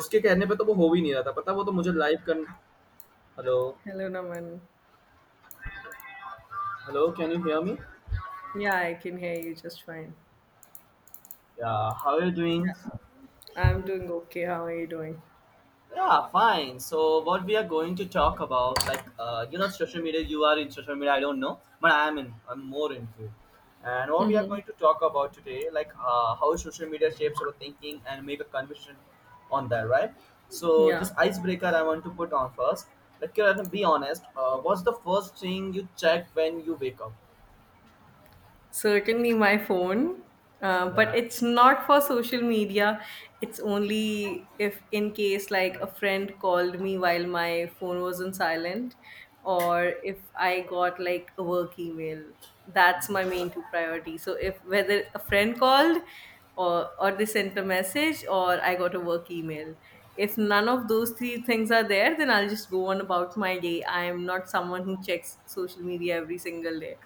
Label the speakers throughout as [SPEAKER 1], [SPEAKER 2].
[SPEAKER 1] उसके कहने पे तो वो हो भी नहीं रहा था पता वो तो मुझे लाइव कर। Hello
[SPEAKER 2] Hello, Naman.
[SPEAKER 1] Hello. Can you hear me?
[SPEAKER 2] Yeah, I can hear you just fine.
[SPEAKER 1] Yeah. How are you doing?
[SPEAKER 2] Yeah. I'm doing okay. How are you doing?
[SPEAKER 1] Yeah, fine. So what we are going to talk about, like you know, social media. You are in social media? I don't know, but I am more into it. And what we are
[SPEAKER 2] Mm-hmm.
[SPEAKER 1] going to talk about today, like how social media shapes our thinking and make a conversation on that, right? So this
[SPEAKER 2] Yeah.
[SPEAKER 1] icebreaker I want to put on first. Like, Kiran, be honest. What's the first thing you check when you wake up?
[SPEAKER 2] Certainly my phone, but
[SPEAKER 1] Yeah.
[SPEAKER 2] it's not for social media. It's only if, in case, like a
[SPEAKER 1] Like,
[SPEAKER 2] friend called me while my phone was on silent, or if I got like a work email. That's my main two priority. So if whether a friend called, or they sent a message, or I got a work email. If none of those three things are there, then I'll just go on about my day. I am not someone who checks social media every single day.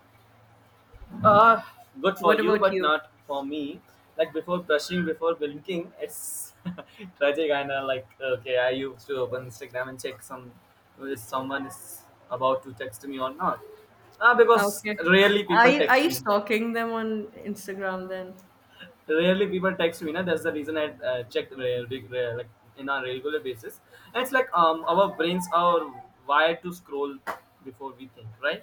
[SPEAKER 1] Ah, good for
[SPEAKER 2] What
[SPEAKER 1] you,
[SPEAKER 2] about
[SPEAKER 1] but
[SPEAKER 2] you?
[SPEAKER 1] not for me. Like before brushing, before blinking, it's tragic. And like, okay, I used to open Instagram and check some if someone is about to text me or not. Ah, because
[SPEAKER 2] Okay.
[SPEAKER 1] rarely
[SPEAKER 2] Are
[SPEAKER 1] people
[SPEAKER 2] you are
[SPEAKER 1] text
[SPEAKER 2] you
[SPEAKER 1] me.
[SPEAKER 2] stalking them on Instagram then?
[SPEAKER 1] Rarely people text me, na? That's the reason I checked rare, like in a regular basis. And it's like our brains are wired to scroll before we think, right?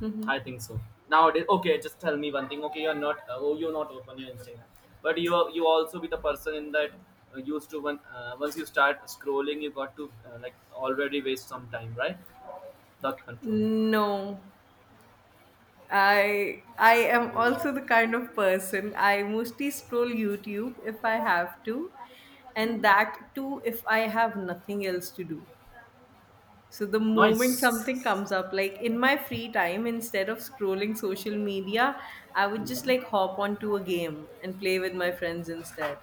[SPEAKER 2] Hmm.
[SPEAKER 1] I think so. Nowadays, okay, just tell me one thing. Okay, you're not. Oh, you're not open your Instagram, but you also be the person in that used to when once you start scrolling, you got to like already waste some time, right? The control.
[SPEAKER 2] No. I am also the kind of person I mostly scroll YouTube if I have to, and that too if I have nothing else to do. So the moment
[SPEAKER 1] Nice.
[SPEAKER 2] something comes up, like in my free time, instead of scrolling social media, I would just like hop onto a game and play with my friends instead.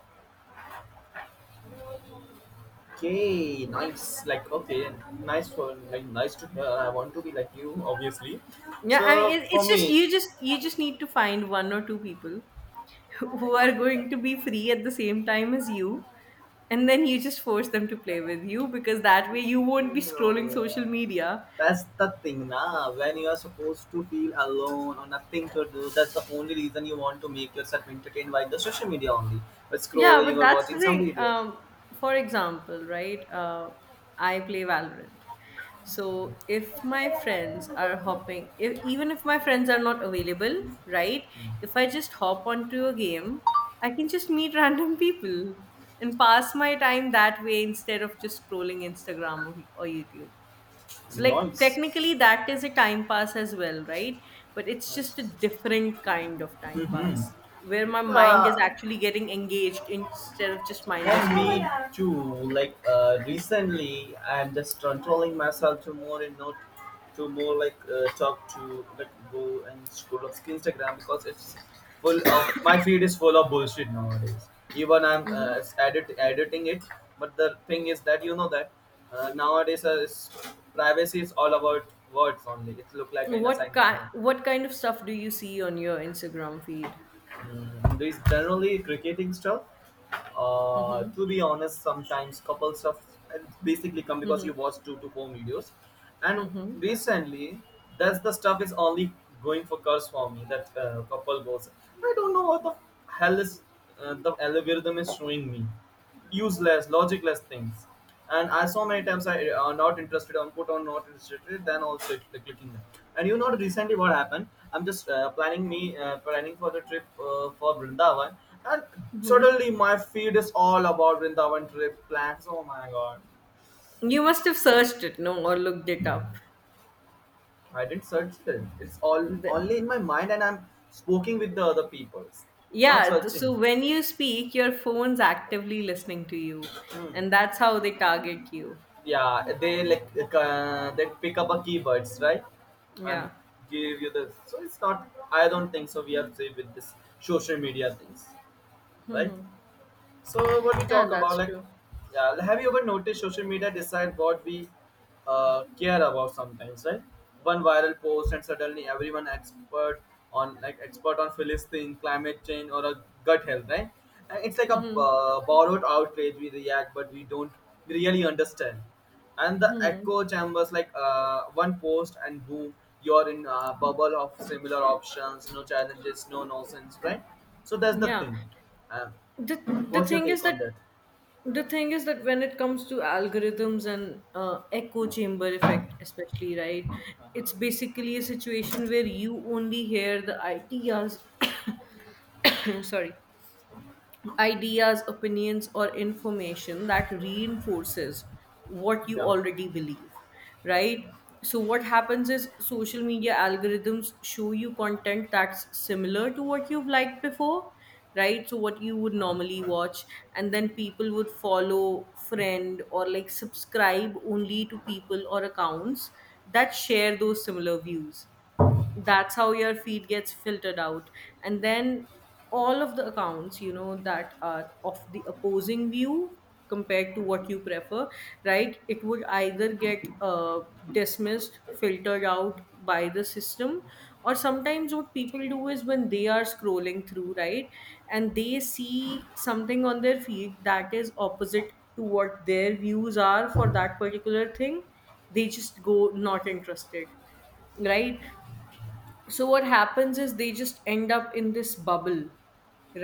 [SPEAKER 1] Hey, nice. Like, okay, nice for, like, nice to. I want to be like you, obviously.
[SPEAKER 2] Yeah, I mean,
[SPEAKER 1] So
[SPEAKER 2] it,
[SPEAKER 1] for
[SPEAKER 2] it's just
[SPEAKER 1] me,
[SPEAKER 2] you just need to find one or two people who are going to be free at the same time as you, and then you just force them to play with you because that way you won't be
[SPEAKER 1] no,
[SPEAKER 2] scrolling social media.
[SPEAKER 1] that's the thing, na. When you are supposed to feel alone or nothing to do, that's the only reason you want to make yourself entertained by the social media only, by
[SPEAKER 2] Yeah,
[SPEAKER 1] scrolling
[SPEAKER 2] but
[SPEAKER 1] or
[SPEAKER 2] that's
[SPEAKER 1] watching
[SPEAKER 2] the
[SPEAKER 1] some
[SPEAKER 2] thing.
[SPEAKER 1] video.
[SPEAKER 2] For example, right? I play Valorant. So if my friends are hopping, if, even if my friends are not available, right? If I just hop onto a game, I can just meet random people and pass my time that way instead of just scrolling Instagram or YouTube. So, like,
[SPEAKER 1] Nice.
[SPEAKER 2] technically, that is a time pass as well, right? But it's
[SPEAKER 1] Nice.
[SPEAKER 2] just a different kind of time pass where my mind is
[SPEAKER 1] Ah,
[SPEAKER 2] actually getting engaged instead of just mindless
[SPEAKER 1] and me
[SPEAKER 2] scrolling.
[SPEAKER 1] too. Like recently, I'm just controlling myself to more and not to more, like talk to, like, go and scroll of Instagram, because it's full of, my feed is full of bullshit nowadays. Even I'm
[SPEAKER 2] Hmm.
[SPEAKER 1] editing it, but the thing is that you know that nowadays privacy is all about words only. It look like in a
[SPEAKER 2] What
[SPEAKER 1] sign.
[SPEAKER 2] kind What kind of stuff do you see on your Instagram feed?
[SPEAKER 1] Mm, there is generally cricketing stuff.
[SPEAKER 2] Hmm.
[SPEAKER 1] To be honest, sometimes couple stuff, and basically come because
[SPEAKER 2] Hmm.
[SPEAKER 1] you watch two to four videos, and
[SPEAKER 2] Hmm.
[SPEAKER 1] recently that's the stuff is only going for curse for me. That couple goes, I don't know what the hell is the algorithm is showing me, useless, logicless things. And I saw many times I not interested on, put on not interested, then also it, clicking that. And you know recently what happened? I'm just planning for the trip for Vrindavan, and
[SPEAKER 2] Hmm.
[SPEAKER 1] suddenly my feed is all about Vrindavan trip plans. Oh my god!
[SPEAKER 2] You must have searched it, no, or looked it up.
[SPEAKER 1] I didn't search it. It's all
[SPEAKER 2] The,
[SPEAKER 1] only in my mind, and I'm speaking with the other peoples, not
[SPEAKER 2] yeah. So
[SPEAKER 1] searching.
[SPEAKER 2] when you speak, your phone's actively listening to you,
[SPEAKER 1] Hmm.
[SPEAKER 2] and that's how they target you.
[SPEAKER 1] Yeah, they they pick up a keywords, right, and
[SPEAKER 2] Yeah.
[SPEAKER 1] give you the, so it's not, I don't think so we are safe with this social media things, right?
[SPEAKER 2] Hmm.
[SPEAKER 1] So what we
[SPEAKER 2] Yeah,
[SPEAKER 1] talk about,
[SPEAKER 2] that's
[SPEAKER 1] like,
[SPEAKER 2] true.
[SPEAKER 1] yeah, have you ever noticed social media decide what we care about sometimes, right? One viral post, and suddenly everyone expert on, like, expert on Philistine, climate change, or a gut health, right? And it's like a
[SPEAKER 2] Hmm.
[SPEAKER 1] borrowed outrage. We react, but we don't really understand. And the
[SPEAKER 2] Hmm.
[SPEAKER 1] echo chambers, like one post and boom, you're in a bubble of similar options, no challenges, no nonsense, right? So that's the
[SPEAKER 2] Yeah.
[SPEAKER 1] thing. Uh,
[SPEAKER 2] The the
[SPEAKER 1] What's your
[SPEAKER 2] thing is
[SPEAKER 1] take
[SPEAKER 2] that
[SPEAKER 1] on that?
[SPEAKER 2] when it comes to algorithms and echo chamber effect, especially, right, it's basically a situation where you only hear the ideas sorry, ideas, opinions, or information that reinforces what you
[SPEAKER 1] Yeah.
[SPEAKER 2] already believe, right? So, what happens is social media algorithms show you content that's similar to what you've liked before, right? So, what you would normally watch, and then people would follow, friend, or like subscribe only to people or accounts that share those similar views. That's how your feed gets filtered out, and then all of the accounts, you know, that are of the opposing view compared to what you prefer, right, it would either get dismissed, filtered out by the system, or sometimes what people do is when they are scrolling through, right, and they see something on their feed that is opposite to what their views are for that particular thing, they just go not interested, right? So what happens is they just end up in this bubble,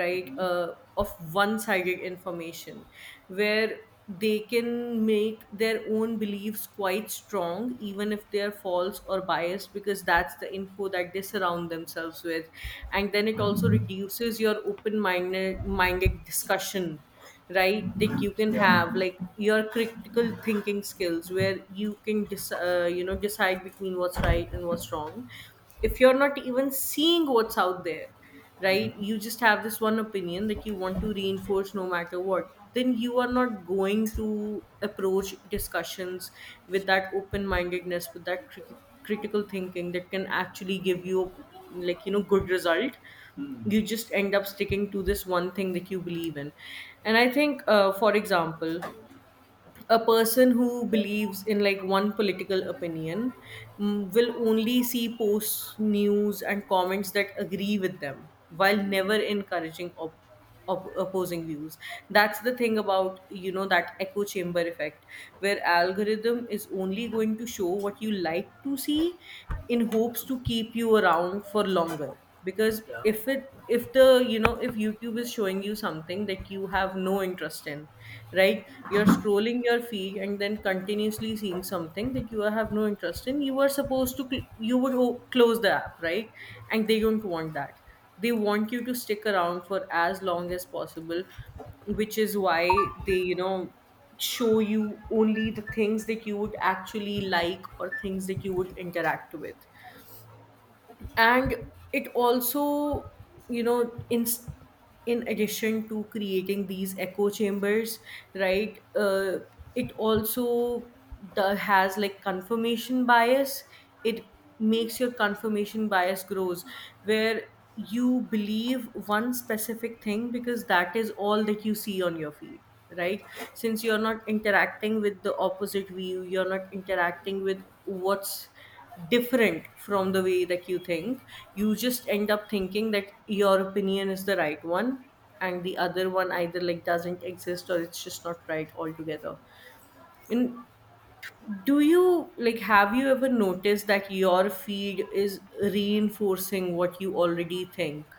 [SPEAKER 2] right, of one-sided information, where they can make their own beliefs quite strong even if they are false or biased because that's the info that they surround themselves with. And then it also reduces your open-minded minded discussion, right, that you can have, like your critical thinking skills, where you can you know, decide between what's right and what's wrong. If you're not even seeing what's out there, right, you just have this one opinion that you want to reinforce no matter what, then you are not going to approach discussions with that open mindedness, with that critical thinking that can actually give you, like, you know, good result.
[SPEAKER 1] Hmm.
[SPEAKER 2] You just end up sticking to this one thing that you believe in. And I think for example, a person who believes in like one political opinion, will only see posts, news, and comments that agree with them while never encouraging opposing views. That's the thing about, you know, that echo chamber effect, where algorithm is only going to show what you like to see in hopes to keep you around for longer, because
[SPEAKER 1] Yeah.
[SPEAKER 2] if the, you know, if YouTube is showing you something that you have no interest in, right, you're scrolling your feed and then continuously seeing something that you have no interest in, you are supposed to you would close the app, right, and they don't want that. They want you to stick around for as long as possible, which is why they, you know, show you only the things that you would actually like or things that you would interact with. And it also, you know, in addition to creating these echo chambers, right, it also has like confirmation bias. It makes your confirmation bias grows, where you believe one specific thing because that is all that you see on your feed, right. Since you're not interacting with the opposite view, you're not interacting with what's different from the way that you think, you just end up thinking that your opinion is the right one, and the other one either like doesn't exist or it's just not right altogether. And do you, like, have you ever noticed that your feed is reinforcing what you already think?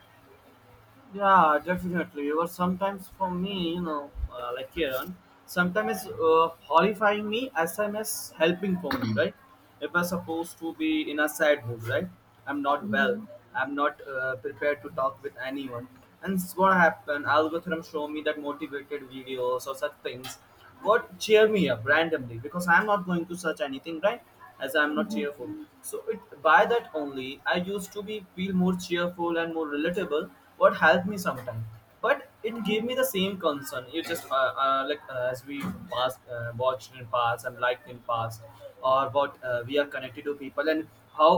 [SPEAKER 1] Yeah, definitely. Or sometimes for me, like Kiran, sometimes horrifying me as I'm as helping for me, right? If I'm supposed to be in a sad mood, right? I'm not well.
[SPEAKER 2] Mm-hmm.
[SPEAKER 1] I'm not prepared to talk with anyone. And it's what happened. Algorithm show me that motivated videos or such things, what cheer me up randomly, because I'm not going to search anything, right? As I'm not
[SPEAKER 2] Mm-hmm.
[SPEAKER 1] cheerful, so it, by that only I used to be feel more cheerful and more relatable, what helped me sometimes. But it gave
[SPEAKER 2] Mm-hmm.
[SPEAKER 1] me the same concern. You just as we past watched in past and liked in past, or what we are connected to people, and how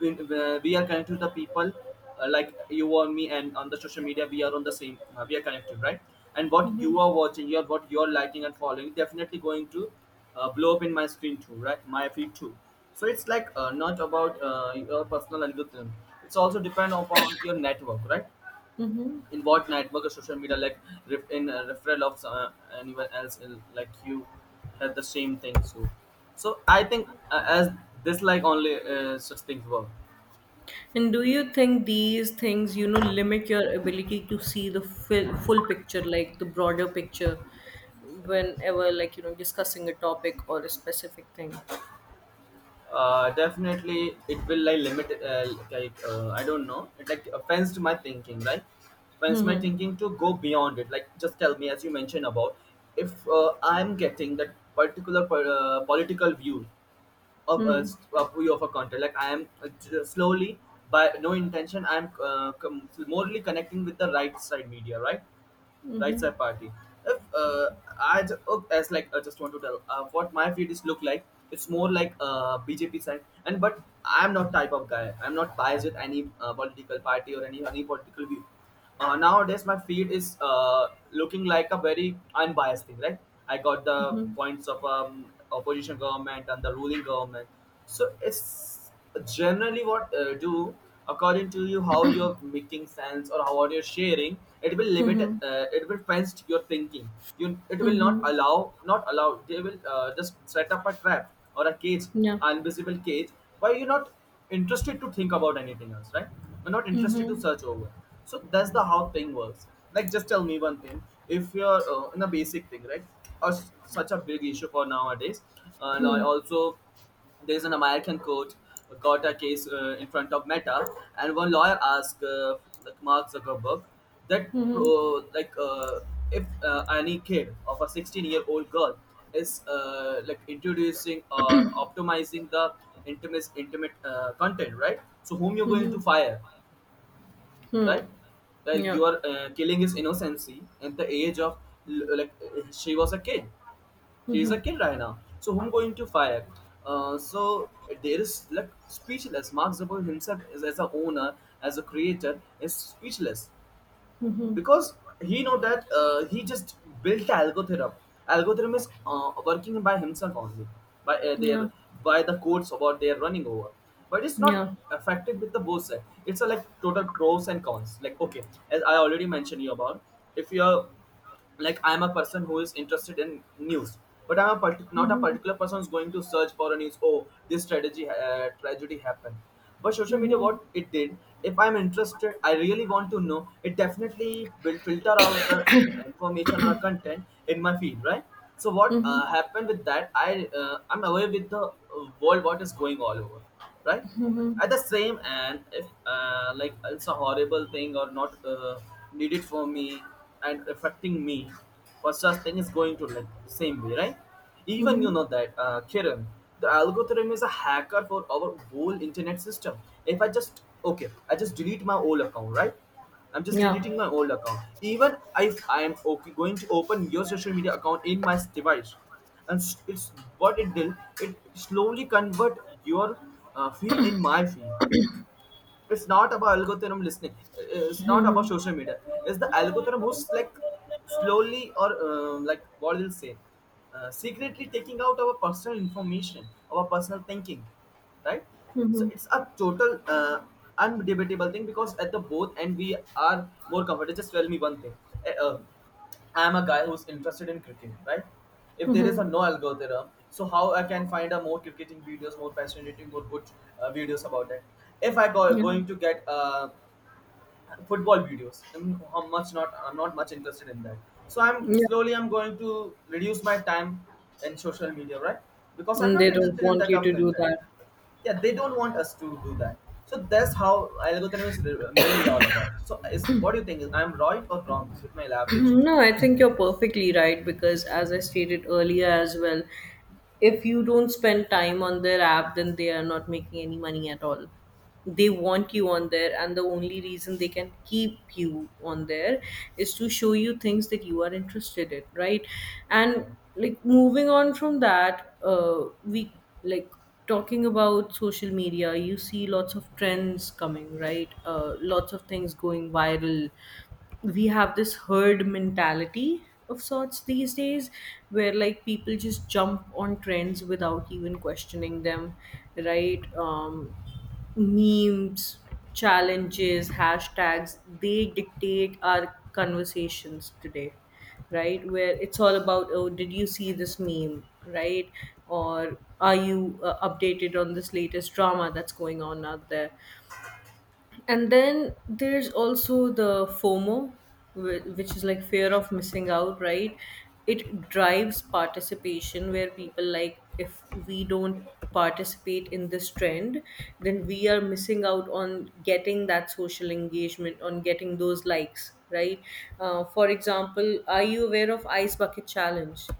[SPEAKER 1] we are connected to the people, like you or me, and on the social media we are on the same, we are connected, right? And what you are watching here, what you're liking and following, definitely going to blow up in my screen too, right, my feed too. So it's like not about your personal algorithm, it's also depend upon your network, right?
[SPEAKER 2] Mm-hmm.
[SPEAKER 1] In what network or social media, like, in a referral of anyone else like you, had the same thing. So, so I think as this, like, only such things work.
[SPEAKER 2] And do you think these things, you know, limit your ability to see the full picture, like the broader picture, whenever, like, you know, discussing a topic or a specific thing?
[SPEAKER 1] Definitely, it will, like, limit. Like I don't know, it like offends to my thinking, right? Offends my thinking to go beyond it. Like, just tell me, as you mentioned about, if I'm getting that particular political view of
[SPEAKER 2] Hmm.
[SPEAKER 1] of view of a content, like I am slowly, by no intention, I'm morally connecting with the right side media, right? Right side party. If oh, as like, I just want to tell what my feed is look like. It's more like BJP side, and but I'm not type of guy, I'm not biased with any political party or any political view. Nowadays my feed is looking like a very unbiased thing, right? I got the
[SPEAKER 2] Hmm.
[SPEAKER 1] points of opposition government and the ruling government. So it's generally what do, according to you, how you're making sense, or how are you sharing, it will limit,
[SPEAKER 2] Hmm.
[SPEAKER 1] it will fenced your thinking. You, it
[SPEAKER 2] Hmm.
[SPEAKER 1] will not
[SPEAKER 2] Hmm.
[SPEAKER 1] allow not allow they will just set up a trap or a cage,
[SPEAKER 2] Yeah.
[SPEAKER 1] an invisible cage. Why you're not interested to think about anything else, right? You're not interested to search over. So that's the how thing works. Like, just tell me one thing. If you're in a basic thing, right, or such a big issue for nowadays, and I
[SPEAKER 2] Hmm.
[SPEAKER 1] also, there's an American court got a case in front of Meta, and one lawyer asked like Mark Zuckerberg, that
[SPEAKER 2] Hmm.
[SPEAKER 1] like if any kid of a 16-year-old year old girl is like introducing or optimizing the intimate content, right? So whom you're going to fire, right? Like,
[SPEAKER 2] Yeah.
[SPEAKER 1] you are killing his innocency at the age of, like, she was a kid, she's a kid right now. So whom going to fire? So there is, like, speechless. Mark Zuckerberg himself, is as a owner, as a creator, is speechless, because he know that he just built the algorithm. Algorithm is working by himself only, by their
[SPEAKER 2] Yeah.
[SPEAKER 1] by the codes about they are running over. But it's not
[SPEAKER 2] Yeah.
[SPEAKER 1] affected with the both side. It's a like total pros and cons. Like, okay, as I already mentioned you about, if you are, like, I'm a person who is interested in news, but I'm a not a particular person who's going to search for a news. Oh, this strategy tragedy happened, but social media,
[SPEAKER 2] Hmm.
[SPEAKER 1] what it did, if I'm interested, I really want to know, it definitely will filter out the information or content in my feed, right? So what
[SPEAKER 2] Hmm. Hmm.
[SPEAKER 1] happened with that, I'm aware with the world, what is going all over, right? At the same, and if like it's a horrible thing or not needed for me, and affecting me, for such thing is going to, like, same way, right? Even you
[SPEAKER 2] Hmm.
[SPEAKER 1] know that, Kiran, the algorithm is a hacker for our whole internet system. If I just, okay, I just delete my old account, right? I'm just
[SPEAKER 2] Yeah.
[SPEAKER 1] deleting my old account, even if I am okay going to open your social media account in my device, and it's, what it did, it slowly convert your feed in my feed. It's not about algorithm listening. It's not about social media, it's the algorithm who's, like, slowly or like, what will say, secretly taking out our personal information, our personal thinking, right?
[SPEAKER 2] Hmm.
[SPEAKER 1] So
[SPEAKER 2] Hmm.
[SPEAKER 1] it's a total undebatable thing, because at the both end we are more comfortable. Just tell me one thing. uh, uh, I'm a guy who's interested in cricket, right? If there is
[SPEAKER 2] Hmm.
[SPEAKER 1] a no algorithm, so how I can find a more cricketing videos, more passionate, more good videos about that? If I go
[SPEAKER 2] Yeah.
[SPEAKER 1] going to get football videos, I how much not I'm not much interested in that. So
[SPEAKER 2] Yeah.
[SPEAKER 1] I'm going to reduce my time in social media, right? Because I'm
[SPEAKER 2] And
[SPEAKER 1] not
[SPEAKER 2] they don't
[SPEAKER 1] interested in
[SPEAKER 2] want
[SPEAKER 1] that
[SPEAKER 2] you
[SPEAKER 1] type of
[SPEAKER 2] to do
[SPEAKER 1] content.
[SPEAKER 2] that.
[SPEAKER 1] Yeah, they don't want us to do that. So that's how algorithm is mainly all about. So is what do you think? Is I'm right or wrong with my elaboration?
[SPEAKER 2] No, I think you're perfectly right, because, as I stated earlier as well, if you don't spend time on their app, then they are not making any money at all. They want you on there, and the only reason they can keep you on there is to show you things that you are interested in, right?
[SPEAKER 1] Yeah.
[SPEAKER 2] And like, moving on from that, we, like, talking about social media, you see lots of trends coming, right? Lots of things going viral. We have this herd mentality of sorts these days, where like people just jump on trends without even questioning them, right? Memes, challenges, hashtags, they dictate our conversations today, right, where it's all about, oh, did you see this meme, right, or are you updated on this latest drama that's going on out there. And then there's also the FOMO, which is like fear of missing out, right? It drives participation where people, like, if we don't participate in this trend, then we are missing out on getting that social engagement, on getting those likes, right? For example, are you aware of Ice Bucket Challenge?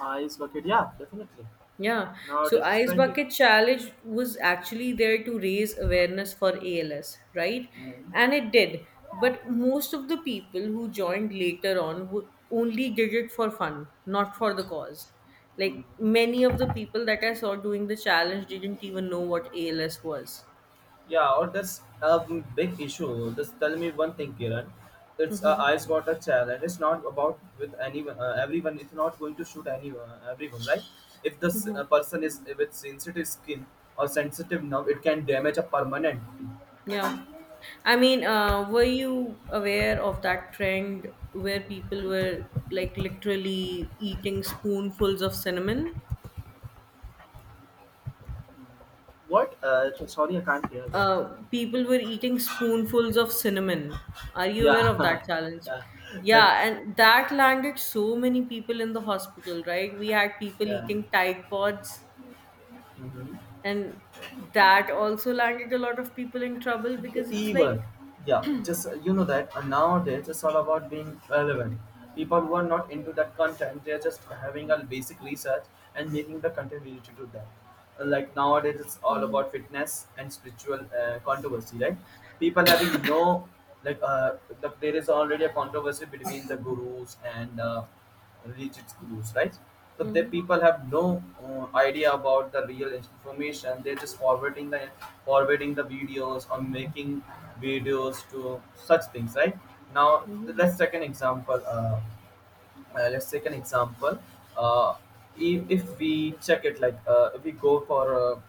[SPEAKER 1] Is located. Yeah, definitely.
[SPEAKER 2] Yeah, so
[SPEAKER 1] Nowadays it's
[SPEAKER 2] Ice
[SPEAKER 1] trendy.
[SPEAKER 2] Bucket Challenge was actually there to raise awareness for ALS, right?
[SPEAKER 1] Mhm.
[SPEAKER 2] And it did. But most of the people who joined later on who only did it for fun, not for the cause. Like, many of the people that I saw doing the challenge didn't even know what ALS was.
[SPEAKER 1] Yeah, or that's a big issue. Just tell me one thing, Kiran. It's a
[SPEAKER 2] Mm-hmm.
[SPEAKER 1] ice water challenge. It's not about with anyone, everyone. It's not going to shoot anyone, everyone, right? If this
[SPEAKER 2] Mm-hmm.
[SPEAKER 1] person is with sensitive skin or sensitive nerve, it can damage a permanently.
[SPEAKER 2] Yeah. I mean, were you aware of that trend where people were, like, literally eating spoonfuls of cinnamon?
[SPEAKER 1] What? Sorry, I can't hear that.
[SPEAKER 2] uh, People were eating spoonfuls of cinnamon. Are you aware
[SPEAKER 1] Yeah,
[SPEAKER 2] of that challenge?
[SPEAKER 1] yeah,
[SPEAKER 2] Yeah,
[SPEAKER 1] that's
[SPEAKER 2] and that landed so many people in the hospital, right? We had people
[SPEAKER 1] yeah.
[SPEAKER 2] eating Tide Pods,
[SPEAKER 1] Mhm.
[SPEAKER 2] and that also landed a lot of people in trouble because it's like.
[SPEAKER 1] Even yeah, just you know that nowadays it's all about being relevant. People who are not into that content, they're just having a basic research and making the content related to that. Like nowadays it's all about
[SPEAKER 2] Mhm,
[SPEAKER 1] fitness and spiritual controversy, right? People having no, like the, there is already a controversy between the gurus and related schools, right? So the
[SPEAKER 2] mhm,
[SPEAKER 1] people have no idea about the real information. They're just forwarding the videos or making videos to such things, right? Now
[SPEAKER 2] mhm,
[SPEAKER 1] let's take an example. Let's take an example. Uh, if we check it, like if we go for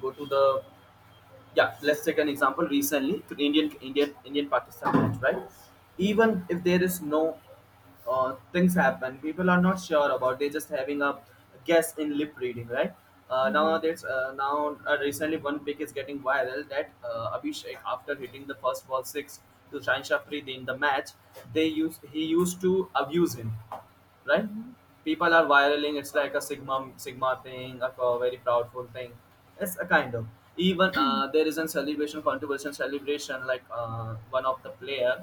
[SPEAKER 1] go to the, yeah, let's take an example, recently to indian pakistan match, right?
[SPEAKER 2] mhm,
[SPEAKER 1] Even if there is no things happen, people are not sure about. They're just having a guess in lip reading, right? Now there's now recently one pic is getting viral that abhishek after hitting the first ball six to Shahin Shafri in the match, they used, he used to abuse him, right?
[SPEAKER 2] mhm,
[SPEAKER 1] People are viraling, it's like a sigma sigma thing, like a very proudful thing. It's a kind of, even there is a celebration, controversial celebration, like one of the player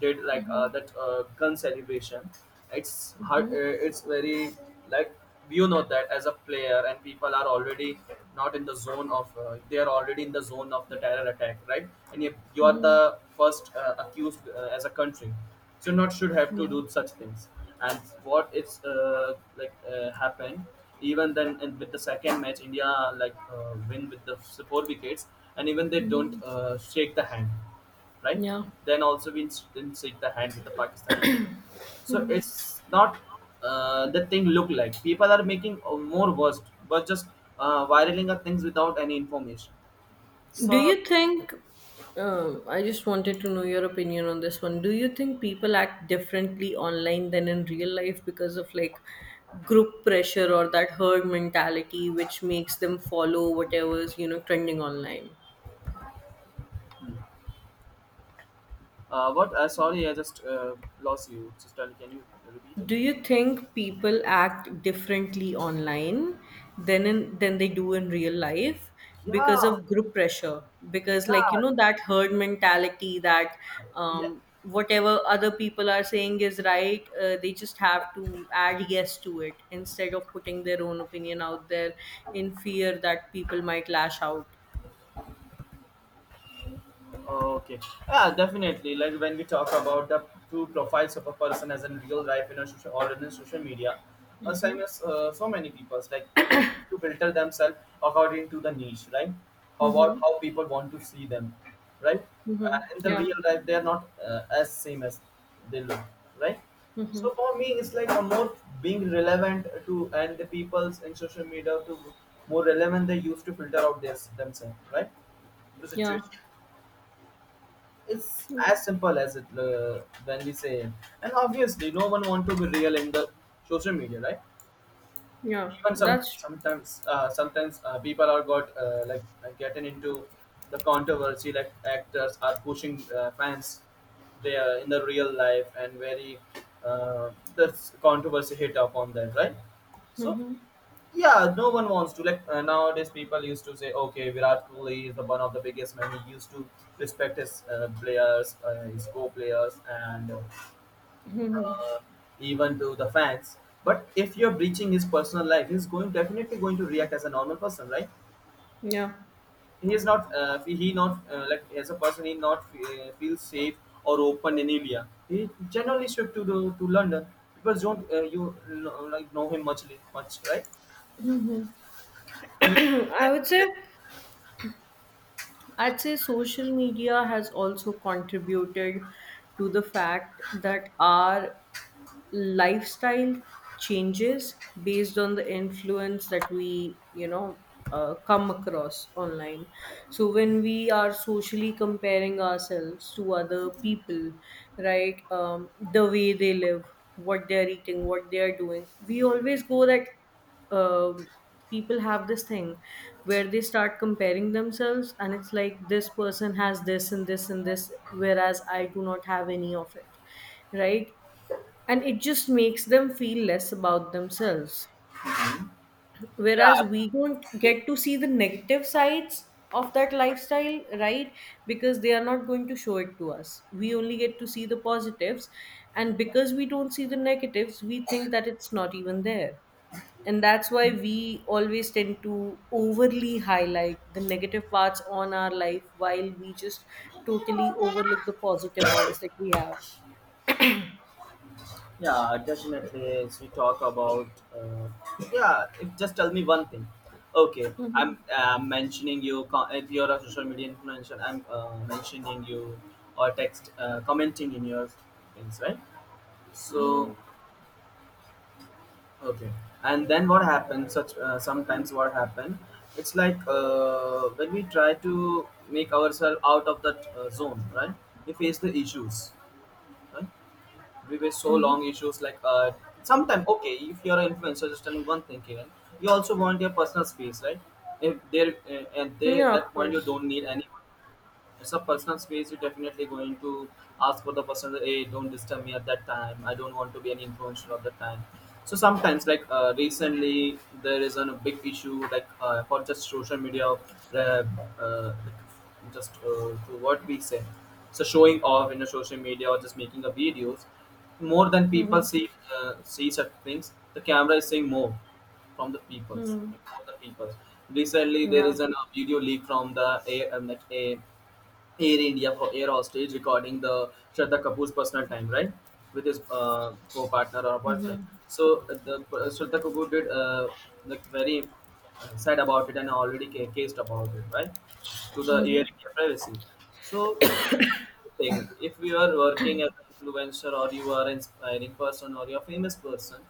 [SPEAKER 1] did, like that gun celebration. It's hard, it's very like, you know, that as a player and people are already not in the zone of they are already in the zone of the terror attack, right? And you are the
[SPEAKER 2] mhm.
[SPEAKER 1] first accused as a country, should not should have to
[SPEAKER 2] Yeah.
[SPEAKER 1] do such things. And what it's like happened even then in, with the second match, india like win with the four wickets, and even they don't shake the hand, right?
[SPEAKER 2] Yeah.
[SPEAKER 1] Then also we didn't shake the hand with the pakistani team. So it's not the thing look like people are making more worst, but just viraling of things without any information.
[SPEAKER 2] Do
[SPEAKER 1] So
[SPEAKER 2] you think, I just wanted to know your opinion on this one. Do you think people act differently online than in real life because of like group pressure or that herd mentality which makes them follow whatever's, you know, trending online?
[SPEAKER 1] what, sorry, I just lost you, just can you repeat it?
[SPEAKER 2] Do you think people act differently online than they do in real life because
[SPEAKER 1] Yeah,
[SPEAKER 2] of group pressure? Because like, you
[SPEAKER 1] yeah,
[SPEAKER 2] know, that herd mentality that
[SPEAKER 1] yeah.
[SPEAKER 2] whatever other people are saying is right, they just have to add yes to it instead of putting their own opinion out there in fear that people might lash out.
[SPEAKER 1] Okay. Yeah, definitely. Like when we talk about the two profiles of a person as in real life in a social or in a social media, same
[SPEAKER 2] Mm-hmm.
[SPEAKER 1] as so many people, like people to filter themselves according to the niche, right? How about
[SPEAKER 2] Mm-hmm.
[SPEAKER 1] how people want to see them, right?
[SPEAKER 2] Mm-hmm.
[SPEAKER 1] In the
[SPEAKER 2] Yeah.
[SPEAKER 1] real life, they are not as same as they look, right?
[SPEAKER 2] Mm-hmm.
[SPEAKER 1] So for me, it's like a more being relevant to and the people's in social media to more relevant they used to filter out their themselves, right? The
[SPEAKER 2] Yeah.
[SPEAKER 1] situation. It's as simple as it when we say it. And obviously, no one want to be real in the social media, right?
[SPEAKER 2] Yeah.
[SPEAKER 1] Even
[SPEAKER 2] That's.
[SPEAKER 1] sometimes people are got like getting into the controversy. Like actors are pushing fans, they are in the real life, and very uh, the controversy hit upon them, right? So
[SPEAKER 2] Mm-hmm.
[SPEAKER 1] yeah, no one wants to. Like nowadays, people used to say, "Okay, Virat Kohli is the one of the biggest men. He used to respect his players, his co-players, and
[SPEAKER 2] Mm-hmm.
[SPEAKER 1] uh, even to the fans." But if you're breaching his personal life, he's going definitely going to react as a normal person, right?
[SPEAKER 2] Yeah.
[SPEAKER 1] He is not. He not like as a person. He not feel safe or open in India. He generally shift to the to London. People don't you know, like know him much, right? He-
[SPEAKER 2] I would say I'd say social media has also contributed to the fact that our lifestyle changes based on the influence that we come across online. So when we are socially comparing ourselves to other people, right, the way they live, what they're eating, what they're doing, we always go that um, people have this thing where they start comparing themselves, and it's like this person has this and this and this, whereas I do not have any of it, right, and it just makes them feel less about themselves, whereas
[SPEAKER 1] yeah,
[SPEAKER 2] we don't get to see the negative sides of that lifestyle, right, because they are not going to show it to us. We only get to see the positives, and because we don't see the negatives, we think that it's not even there. And that's why we always tend to overly highlight the negative parts on our life while we just totally overlook the positive ones that we have.
[SPEAKER 1] yeah, definitely. If we talk about, uh, yeah, if just tell me one thing. Okay, I'm
[SPEAKER 2] Mm-hmm.
[SPEAKER 1] mentioning you. If you're a social media influencer, I'm mentioning you or text commenting in your things, right?
[SPEAKER 2] Mm-hmm.
[SPEAKER 1] So, okay, and then what happens? Such sometimes what happen? It's like when we try to make ourselves out of that zone, right? We face the issues, right? We were so long issues, like sometime. Okay, if you're an influencer, just tell me one thing, Kiran, you also want your personal space, right? If there and there at
[SPEAKER 2] Yeah, of
[SPEAKER 1] that point you
[SPEAKER 2] course.
[SPEAKER 1] don't need anyone. It's a personal space, you're definitely going to ask for the person, "Hey, don't disturb me at that time, I don't want to be an influencer at that time." So sometimes, like recently there is an, a big issue, like for just social media. uh, uh, just to what we say, so showing off in a social media or just making a videos, more than people
[SPEAKER 2] Mhm.
[SPEAKER 1] see see such things, the camera is seeing more from the peoples,
[SPEAKER 2] Mhm.
[SPEAKER 1] from the peoples recently there
[SPEAKER 2] Yeah.
[SPEAKER 1] is an, a video leak from the a, like a Air India for Air Hostage recording the Shraddha Kapoor's personal time, right, with his co-partner or boyfriend.
[SPEAKER 2] Mhm.
[SPEAKER 1] So the Shraddha Kapoor did like very sad about it and already cased about it, right, to the Air India privacy. So thing if you are working as an influencer or you are inspiring person or you're a famous person,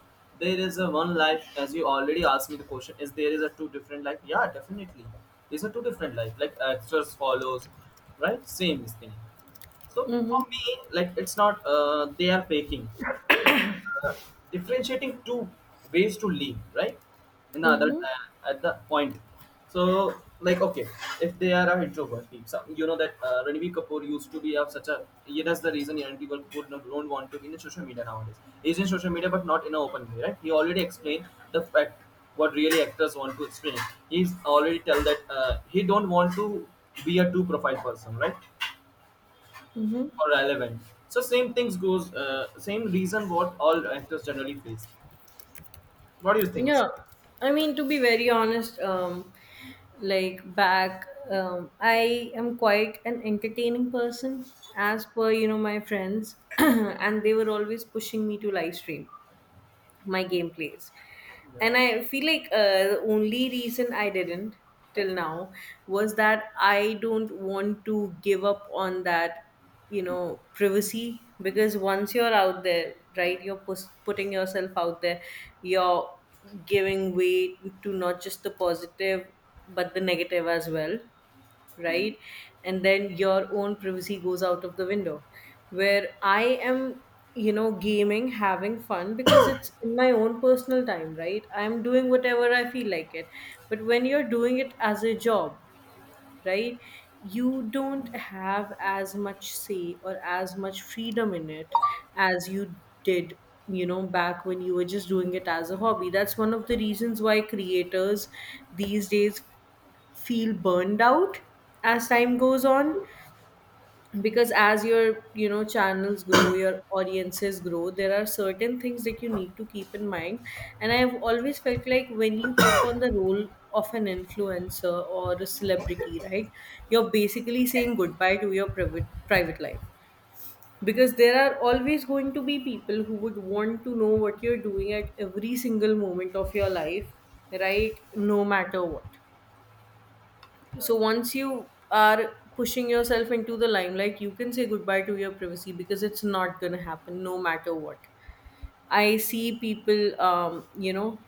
[SPEAKER 1] there is a one life. As you already asked me the question, is there is a two different life? Yeah, definitely, these are two different life, like actors follows, right? Same thing. So for
[SPEAKER 2] Mhm.
[SPEAKER 1] me, like it's not they are faking. They're just, uh, differentiating two ways to live, right? In the other
[SPEAKER 2] Mhm.
[SPEAKER 1] at the point. So, like okay, if they are a introvert, peeps, you know that Ranveer Kapoor used to be of such a. Yeah, that's the reason Ranveer Kapoor don't want to be in social media nowadays. He's in social media, but not in an open way, right? He already explained the fact what really actors want to explain. He's already tell that he don't want to be a two profile person, right?
[SPEAKER 2] Mhm.
[SPEAKER 1] Or relevant. So same things goes, same reason what all actors generally face. What do you think?
[SPEAKER 2] Yeah. I mean, to be very honest, like back, I am quite an entertaining person, as per you know my friends, and they were always pushing me to live stream my gameplays,
[SPEAKER 1] Yeah,
[SPEAKER 2] and I feel like the only reason I didn't till now was that I don't want to give up on that, you know, privacy, because once you're out there, right, you're putting yourself out there. You're giving way to not just the positive but the negative as well, right? And then your own privacy goes out of the window. Where I am, you know, gaming, having fun because it's in my own personal time, right? I'm doing whatever I feel like it. But when you're doing it as a job, right? You don't have as much say or as much freedom in it as you did, you know, back when you were just doing it as a hobby. That's one of the reasons why creators these days feel burned out as time goes on, because as your, you know, channels grow, your audiences grow, there are certain things that you need to keep in mind. And I've always felt like when you take on the role of an influencer or a celebrity, right, you're basically saying goodbye to your private life, because there are always going to be people who would want to know what you're doing at every single moment of your life, right, no matter what.
[SPEAKER 1] yeah.
[SPEAKER 2] So once you are pushing yourself into the limelight, you can say goodbye to your privacy because it's not going to happen no matter what. I see people, you know,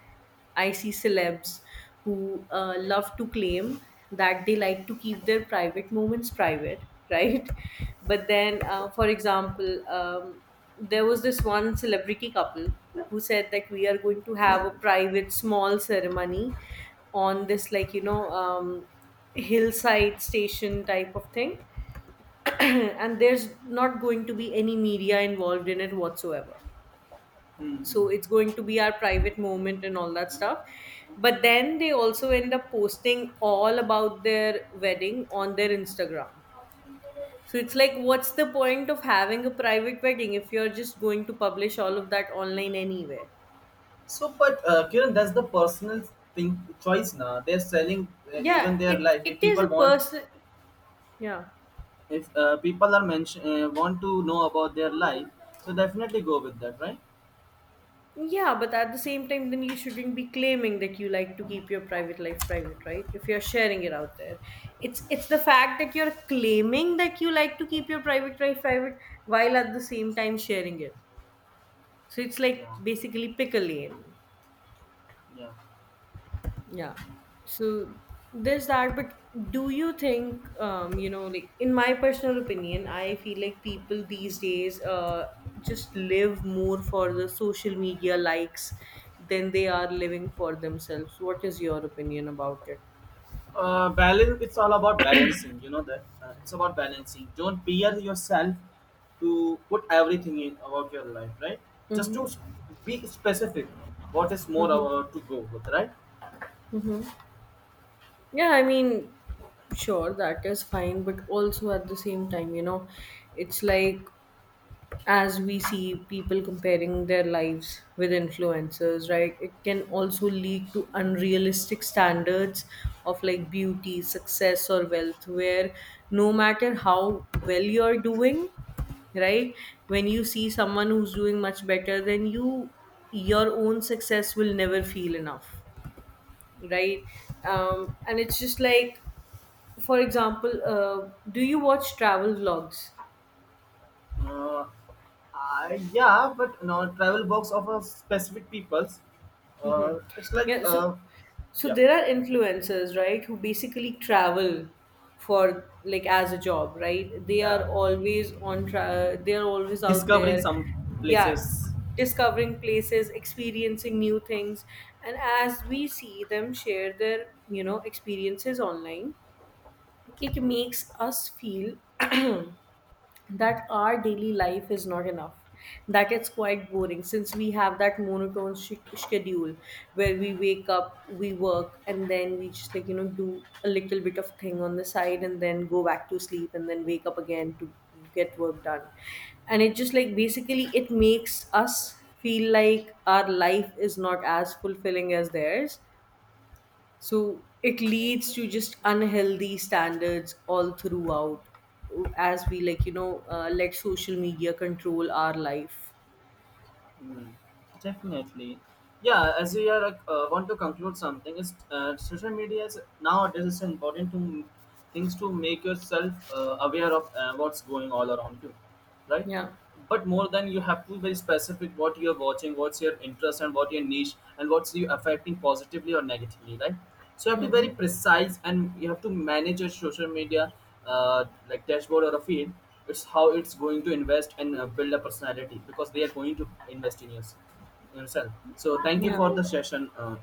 [SPEAKER 2] I see celebs who love to claim that they like to keep their private moments private, right? But then, for example, there was this one celebrity couple who said that we are going to have a private small ceremony on this, like, you know, hillside station type of thing. And there's not going to be any media involved in it whatsoever,
[SPEAKER 1] Mhm.
[SPEAKER 2] so it's going to be our private moment and all that stuff. But then they also end up posting all about their wedding on their Instagram. So it's like what's the point of having a private wedding if you're just going to publish all of that online anywhere?
[SPEAKER 1] So, but Kiran, that's the personal thing, choice. Now they're selling
[SPEAKER 2] Yeah,
[SPEAKER 1] even their
[SPEAKER 2] it
[SPEAKER 1] life. If
[SPEAKER 2] it is
[SPEAKER 1] people
[SPEAKER 2] a
[SPEAKER 1] want,
[SPEAKER 2] person. Yeah.
[SPEAKER 1] if people are mention want to know about their life, so definitely go with that, right?
[SPEAKER 2] Yeah, but at the same time, then you shouldn't be claiming that you like to keep your private life private, right? If you're sharing it out there, it's the fact that you're claiming that you like to keep your private life private while at the same time sharing it. So it's like
[SPEAKER 1] Yeah,
[SPEAKER 2] basically pick a lane.
[SPEAKER 1] yeah.
[SPEAKER 2] Yeah. So there's that, but do you think, you know, like in my personal opinion, I feel like people these days just live more for the social media likes than they are living for themselves. What is your opinion about it?
[SPEAKER 1] Balance, it's all about balancing, you know that it's about balancing. Don't peer yourself to put everything in about your life, right? Just
[SPEAKER 2] Mm-hmm.
[SPEAKER 1] to be specific what is more
[SPEAKER 2] Mm-hmm.
[SPEAKER 1] to go with, right?
[SPEAKER 2] Mm-hmm. Yeah, I mean, sure, that is fine, but also at the same time, you know, it's like as we see people comparing their lives with influencers, right, it can also lead to unrealistic standards of like beauty, success or wealth, where no matter how well you're doing, right, when you see someone who's doing much better than you, your own success will never feel enough, right. And it's just like, for example, do you watch travel vlogs?
[SPEAKER 1] uh, I, yeah, but no travel box of a specific people's,
[SPEAKER 2] Hmm.
[SPEAKER 1] it's like
[SPEAKER 2] Yeah, so so
[SPEAKER 1] yeah,
[SPEAKER 2] there are influencers, right, who basically travel for like as a job, right? They
[SPEAKER 1] yeah,
[SPEAKER 2] are always on they are always out
[SPEAKER 1] discovering
[SPEAKER 2] there,
[SPEAKER 1] some
[SPEAKER 2] yeah,
[SPEAKER 1] places.
[SPEAKER 2] discovering places, experiencing new things, and as we see them share their, you know, experiences online, it makes us feel that our daily life is not enough, that it's quite boring since we have that monotone schedule where we wake up, we work, and then we just like, you know, do a little bit of thing on the side and then go back to sleep and then wake up again to get work done. And it just like basically it makes us feel like our life is not as fulfilling as theirs. So it leads to just unhealthy standards all throughout as we like, you know, let social media control our life.
[SPEAKER 1] Mm, definitely. Yeah, as we are want to conclude something, is social media is nowadays is important to things to make yourself aware of what's going all around you, right?
[SPEAKER 2] Yeah.
[SPEAKER 1] But more than, you have to be very specific what you're watching, what's your interest, and what your niche, and what's you affecting positively or negatively, right? So you have to be very
[SPEAKER 2] Mm-hmm.
[SPEAKER 1] precise, and you have to manage your social media like dashboard or a feed. It's how it's going to invest and build a personality because they are going to invest in yourself. So thank you
[SPEAKER 2] Yeah.
[SPEAKER 1] for the session,